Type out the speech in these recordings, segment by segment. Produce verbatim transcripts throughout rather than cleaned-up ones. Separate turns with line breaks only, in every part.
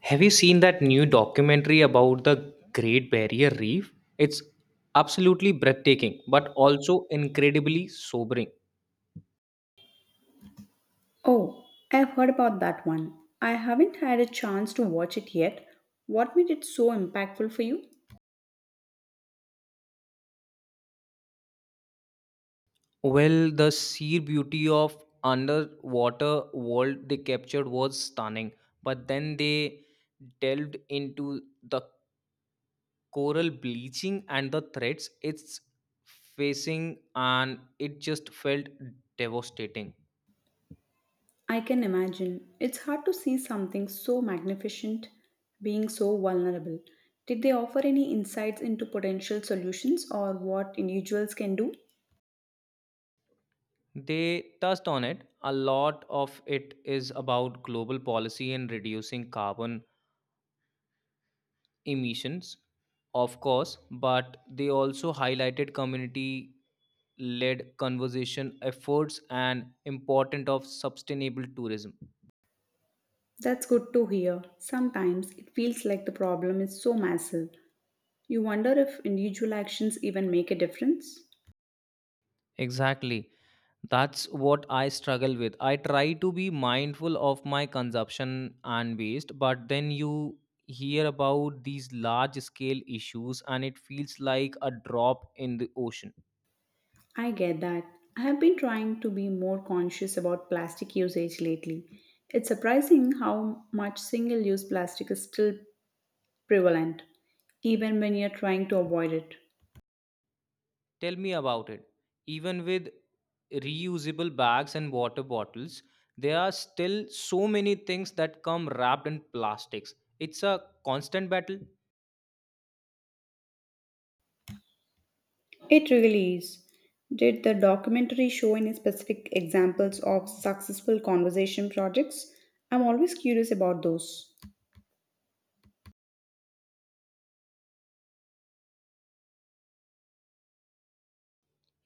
Have you seen that new documentary about the Great Barrier Reef? It's absolutely breathtaking, but also incredibly sobering.
Oh, I've heard about that one. I haven't had a chance to watch it yet. What made it so impactful for you?
Well, the sheer beauty of underwater world they captured was stunning, but then they delved into the coral bleaching and the threats it's facing, and it just felt devastating.
I can imagine. It's hard to see something so magnificent being so vulnerable. Did they offer any insights into potential solutions or what individuals can do?
They touched on it. A lot of it is about global policy and reducing carbon emissions, of course, but they also highlighted community led conservation efforts and importance of sustainable tourism.
That's good to hear. Sometimes it feels like the problem is so massive. You wonder if individual actions even make a difference.
Exactly. That's what I struggle with. I try to be mindful of my consumption and waste, but then you hear about these large scale issues and it feels like a drop in the ocean.
I get that. I have been trying to be more conscious about plastic usage lately. It's surprising how much single use plastic is still prevalent, even when you're trying to avoid it.
Tell me about it. Even with reusable bags and water bottles, there are still so many things that come wrapped in plastics. It's a constant battle.
It really is. Did the documentary show any specific examples of successful conservation projects? I'm always curious about those.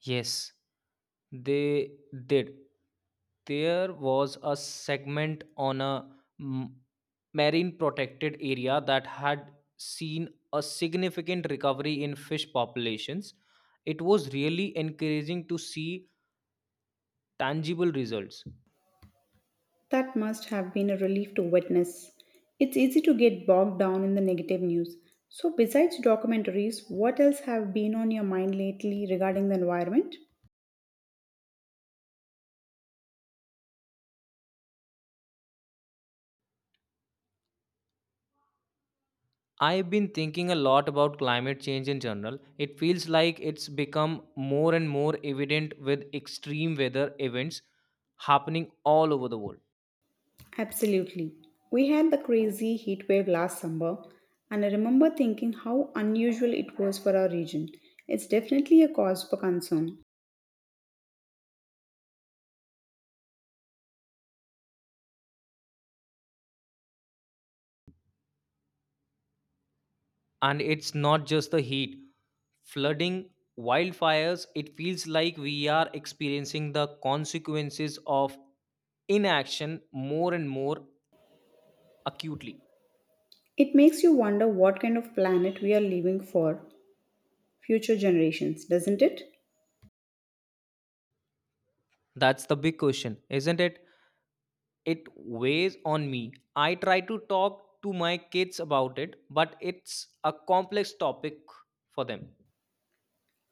Yes, they did. There was a segment on a m- marine protected area that had seen a significant recovery in fish populations. It was really encouraging to see tangible results.
That must have been a relief to witness. It's easy to get bogged down in the negative news. So, besides documentaries, what else have been on your mind lately regarding the environment?
I've been thinking a lot about climate change in general. It feels like it's become more and more evident with extreme weather events happening all over the world.
Absolutely. We had the crazy heat wave last summer, and I remember thinking how unusual it was for our region. It's definitely a cause for concern.
And it's not just the heat flooding, wildfires, it feels like we are experiencing the consequences of inaction more and more acutely.
It makes you wonder what kind of planet we are leaving for future generations, doesn't it?
That's the big question, isn't it? It weighs on me. I try to talk to my kids about it, but it's a complex topic for them.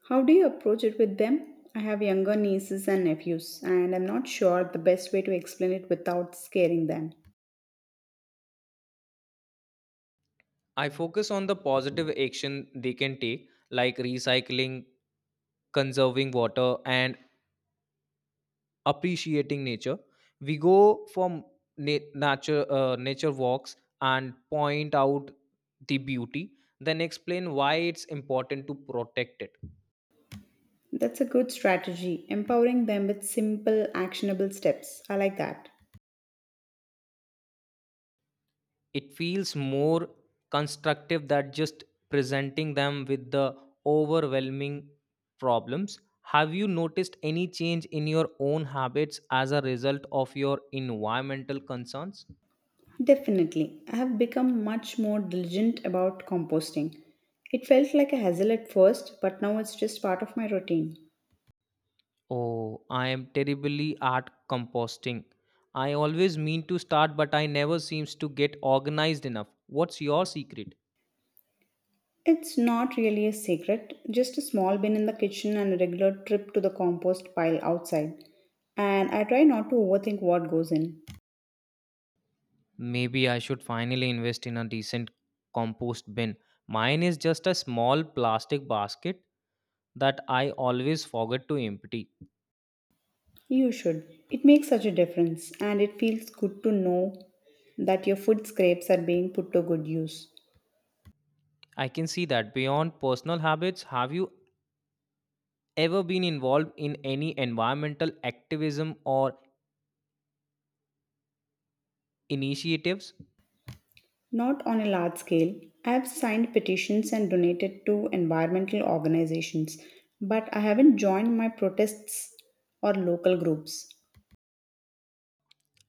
How do you approach it with them? I have younger nieces and nephews, and I'm not sure the best way to explain it without scaring them.
I focus on the positive action they can take, like recycling, conserving water, and appreciating nature. We go for na- nature uh, nature walks and point out the beauty, then explain why it's important to protect it.
That's a good strategy, empowering them with simple, actionable steps. I like that.
It feels more constructive than just presenting them with the overwhelming problems. Have you noticed any change in your own habits as a result of your environmental concerns?
Definitely. I have become much more diligent about composting. It felt like a hassle at first, but now it's just part of my routine.
Oh, I am terribly at composting. I always mean to start, but I never seems to get organized enough. What's your secret?
It's not really a secret, just a small bin in the kitchen and a regular trip to the compost pile outside. And I try not to overthink what goes in.
Maybe I should finally invest in a decent compost bin. Mine is just a small plastic basket that I always forget to empty.
You should. It makes such a difference, and it feels good to know that your food scrapes are being put to good use.
I can see that. Beyond personal habits, have you ever been involved in any environmental activism or initiatives?
Not on a large scale. I have signed petitions and donated to environmental organizations, but I haven't joined my protests or local groups.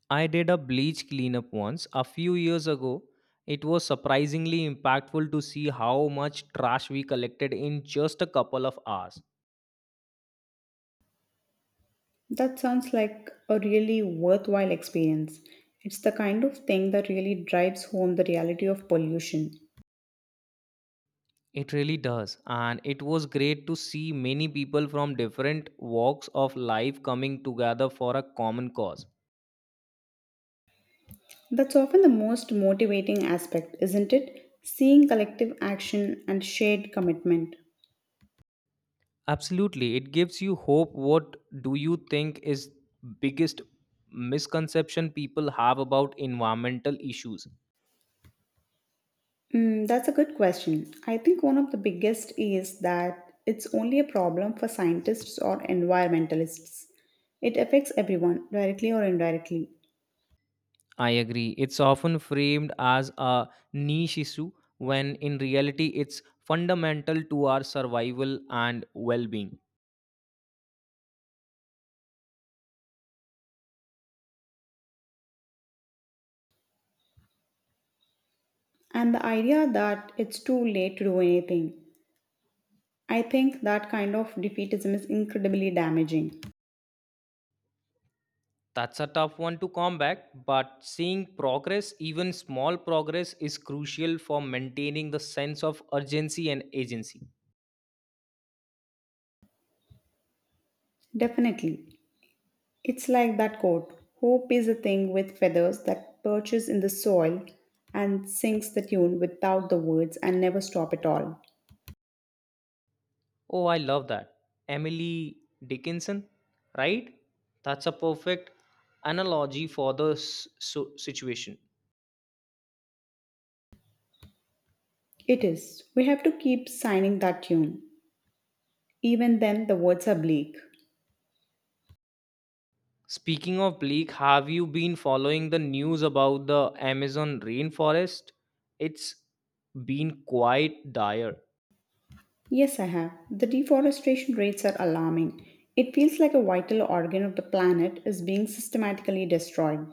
I did a bleach cleanup once a few years ago. It was surprisingly impactful to see how much trash we collected in just a couple of hours.
That sounds like a really worthwhile experience. It's the kind of thing that really drives home the reality of pollution.
It really does, and it was great to see many people from different walks of life coming together for a common cause.
That's often the most motivating aspect, isn't it? Seeing collective action and shared commitment.
Absolutely, it gives you hope. What do you think is biggest misconception people have about environmental issues?
Mm, that's a good question. I think one of the biggest is that it's only a problem for scientists or environmentalists. It affects everyone, directly or indirectly.
I agree. It's often framed as a niche issue when in reality it's fundamental to our survival and well being.
And the idea that it's too late to do anything, I think that kind of defeatism is incredibly damaging.
That's a tough one to combat, but seeing progress, even small progress, is crucial for maintaining the sense of urgency and agency.
Definitely. It's like that quote: Hope is a thing with feathers that perches in the soil and sings the tune without the words and never stop at all.
Oh, I love that. Emily Dickinson, right? That's a perfect analogy for the s- so- situation.
It is. We have to keep signing that tune. Even then, the words are bleak.
Speaking of leak, have you been following the news about the Amazon rainforest? It's been quite dire.
Yes, I have. The deforestation rates are alarming. It feels like a vital organ of the planet is being systematically destroyed.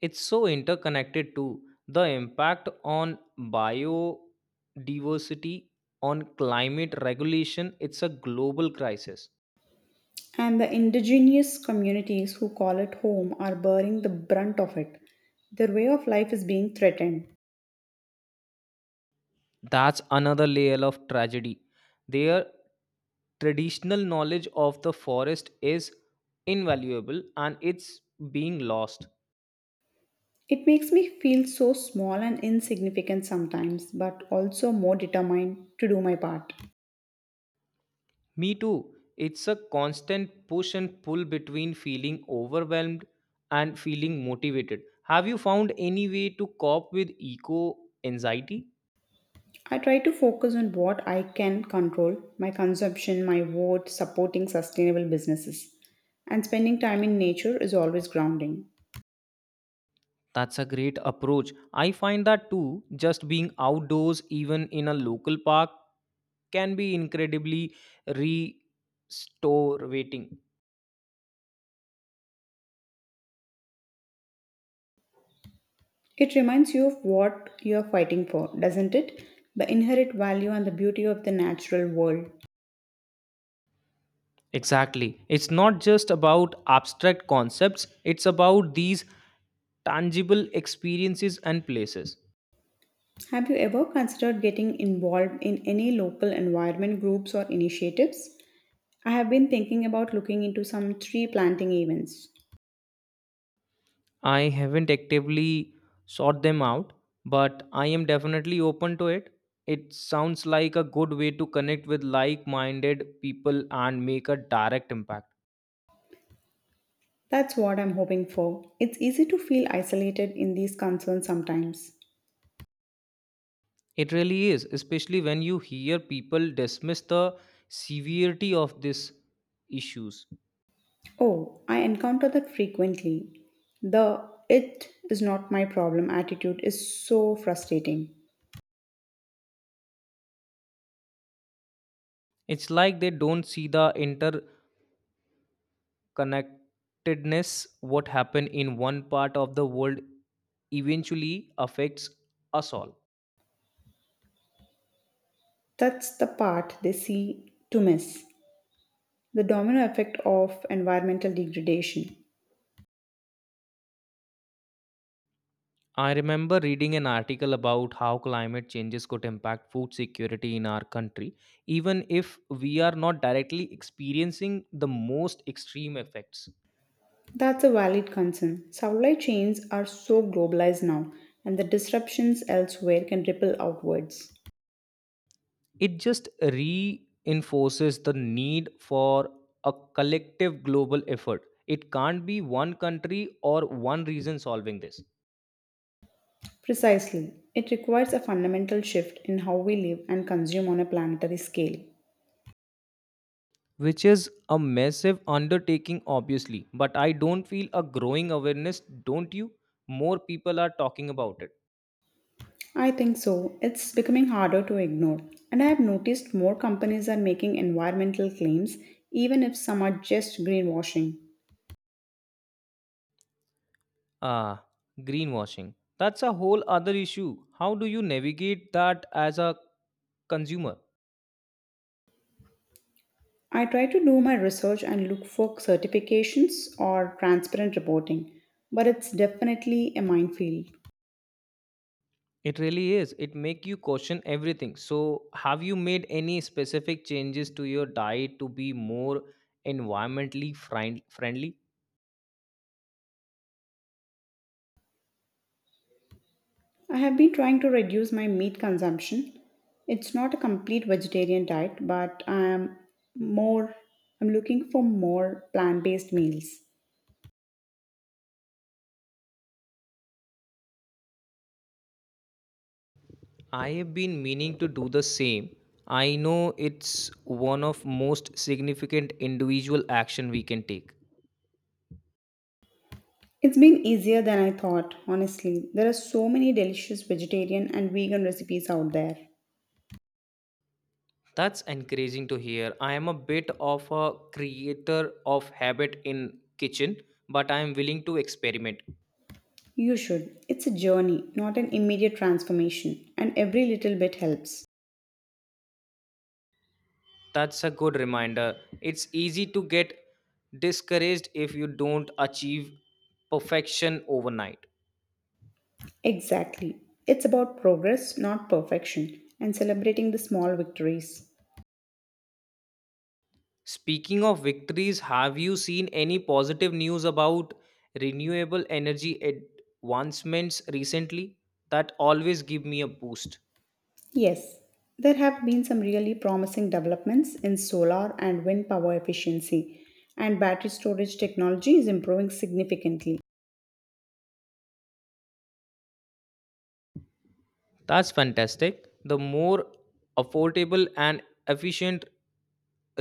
It's so interconnected too. The impact on biodiversity, on climate regulation, it's a global crisis.
And the indigenous communities who call it home are bearing the brunt of it. Their way of life is being threatened.
That's another layer of tragedy. Their traditional knowledge of the forest is invaluable and it's being lost.
It makes me feel so small and insignificant sometimes, but also more determined to do my part.
Me too. It's a constant push and pull between feeling overwhelmed and feeling motivated. Have you found any way to cope with eco anxiety?
I try to focus on what I can control: my consumption, my vote, supporting sustainable businesses. And spending time in nature is always grounding.
That's a great approach. I find that too. Just being outdoors, even in a local park, can be incredibly restorating.
It reminds you of what you are fighting for, doesn't it? The inherent value and the beauty of the natural world.
Exactly. It's not just about abstract concepts, it's about these tangible experiences and places.
Have you ever considered getting involved in any local environment groups or initiatives? I have been thinking about looking into some tree planting events.
I haven't actively sought them out, but I am definitely open to it. It sounds like a good way to connect with like minded people and make a direct impact.
That's what I'm hoping for. It's easy to feel isolated in these concerns sometimes.
It really is, especially when you hear people dismiss the severity of these issues.
Oh, I encounter that frequently. The "it is not my problem" attitude is so frustrating.
It's like they don't see the interconnectedness, what happened in one part of the world eventually affects us all.
That's the part they see to miss. The domino effect of environmental degradation.
I remember reading an article about how climate changes could impact food security in our country, even if we are not directly experiencing the most extreme effects.
That's a valid concern. Supply chains are so globalized now, and the disruptions elsewhere can ripple outwards.
It just reinforces the need for a collective global effort. It can't be one country or one region solving this,
Precisely. It requires a fundamental shift in how we live and consume on a planetary scale.
which is a massive undertaking, obviously. But I don't feel a growing awareness, don't you? More people are talking about it.
I think so. It's becoming harder to ignore. And I have noticed more companies are making environmental claims, even if some are just greenwashing.
Ah, greenwashing. That's a whole other issue. How do you navigate that as a consumer?
I try to do my research and look for certifications or transparent reporting, but it's definitely a minefield.
It really is. It make you question everything. So, have you made any specific changes to your diet to be more environmentally friend- friendly?
I have been trying to reduce my meat consumption. It's not a complete vegetarian diet, but I'm more I'm looking for more plant-based meals.
I have been meaning to do the same. I know it's one of most significant individual action we can take.
It's been easier than I thought, honestly. There are so many delicious vegetarian and vegan recipes out there.
That's encouraging to hear. I am a bit of a creator of habit in kitchen, but I am willing to experiment.
You should. It's a journey, not an immediate transformation, and every little bit helps.
That's a good reminder. It's easy to get discouraged if you don't achieve perfection overnight.
Exactly. It's about progress, not perfection, and celebrating the small victories.
Speaking of victories, have you seen any positive news about renewable energy advancements recently? That always give me a boost.
Yes, there have been some really promising developments in solar and wind power efficiency, and battery storage technology is improving significantly.
That's fantastic. The more affordable and efficient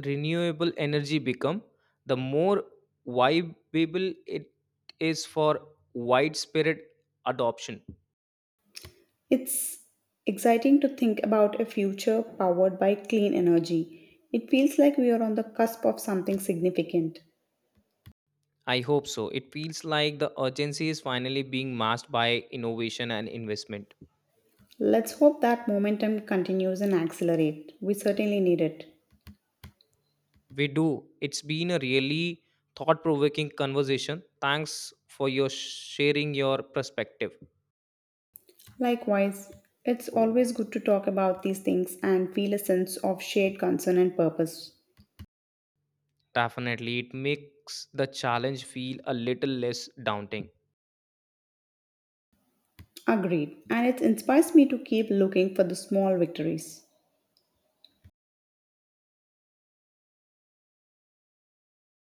renewable energy become, the more viable it is for widespread adoption.
It's exciting to think about a future powered by clean energy. It feels like we are on the cusp of something significant.
I hope so. It feels like the urgency is finally being masked by innovation and investment.
Let's hope that momentum continues and accelerate. We certainly need it.
We do. It's been a really thought provoking conversation. Thanks for your sharing your perspective.
Likewise, it's always good to talk about these things and feel a sense of shared concern and purpose.
Definitely, it makes the challenge feel a little less daunting.
Agreed. And it inspires me to keep looking for the small victories.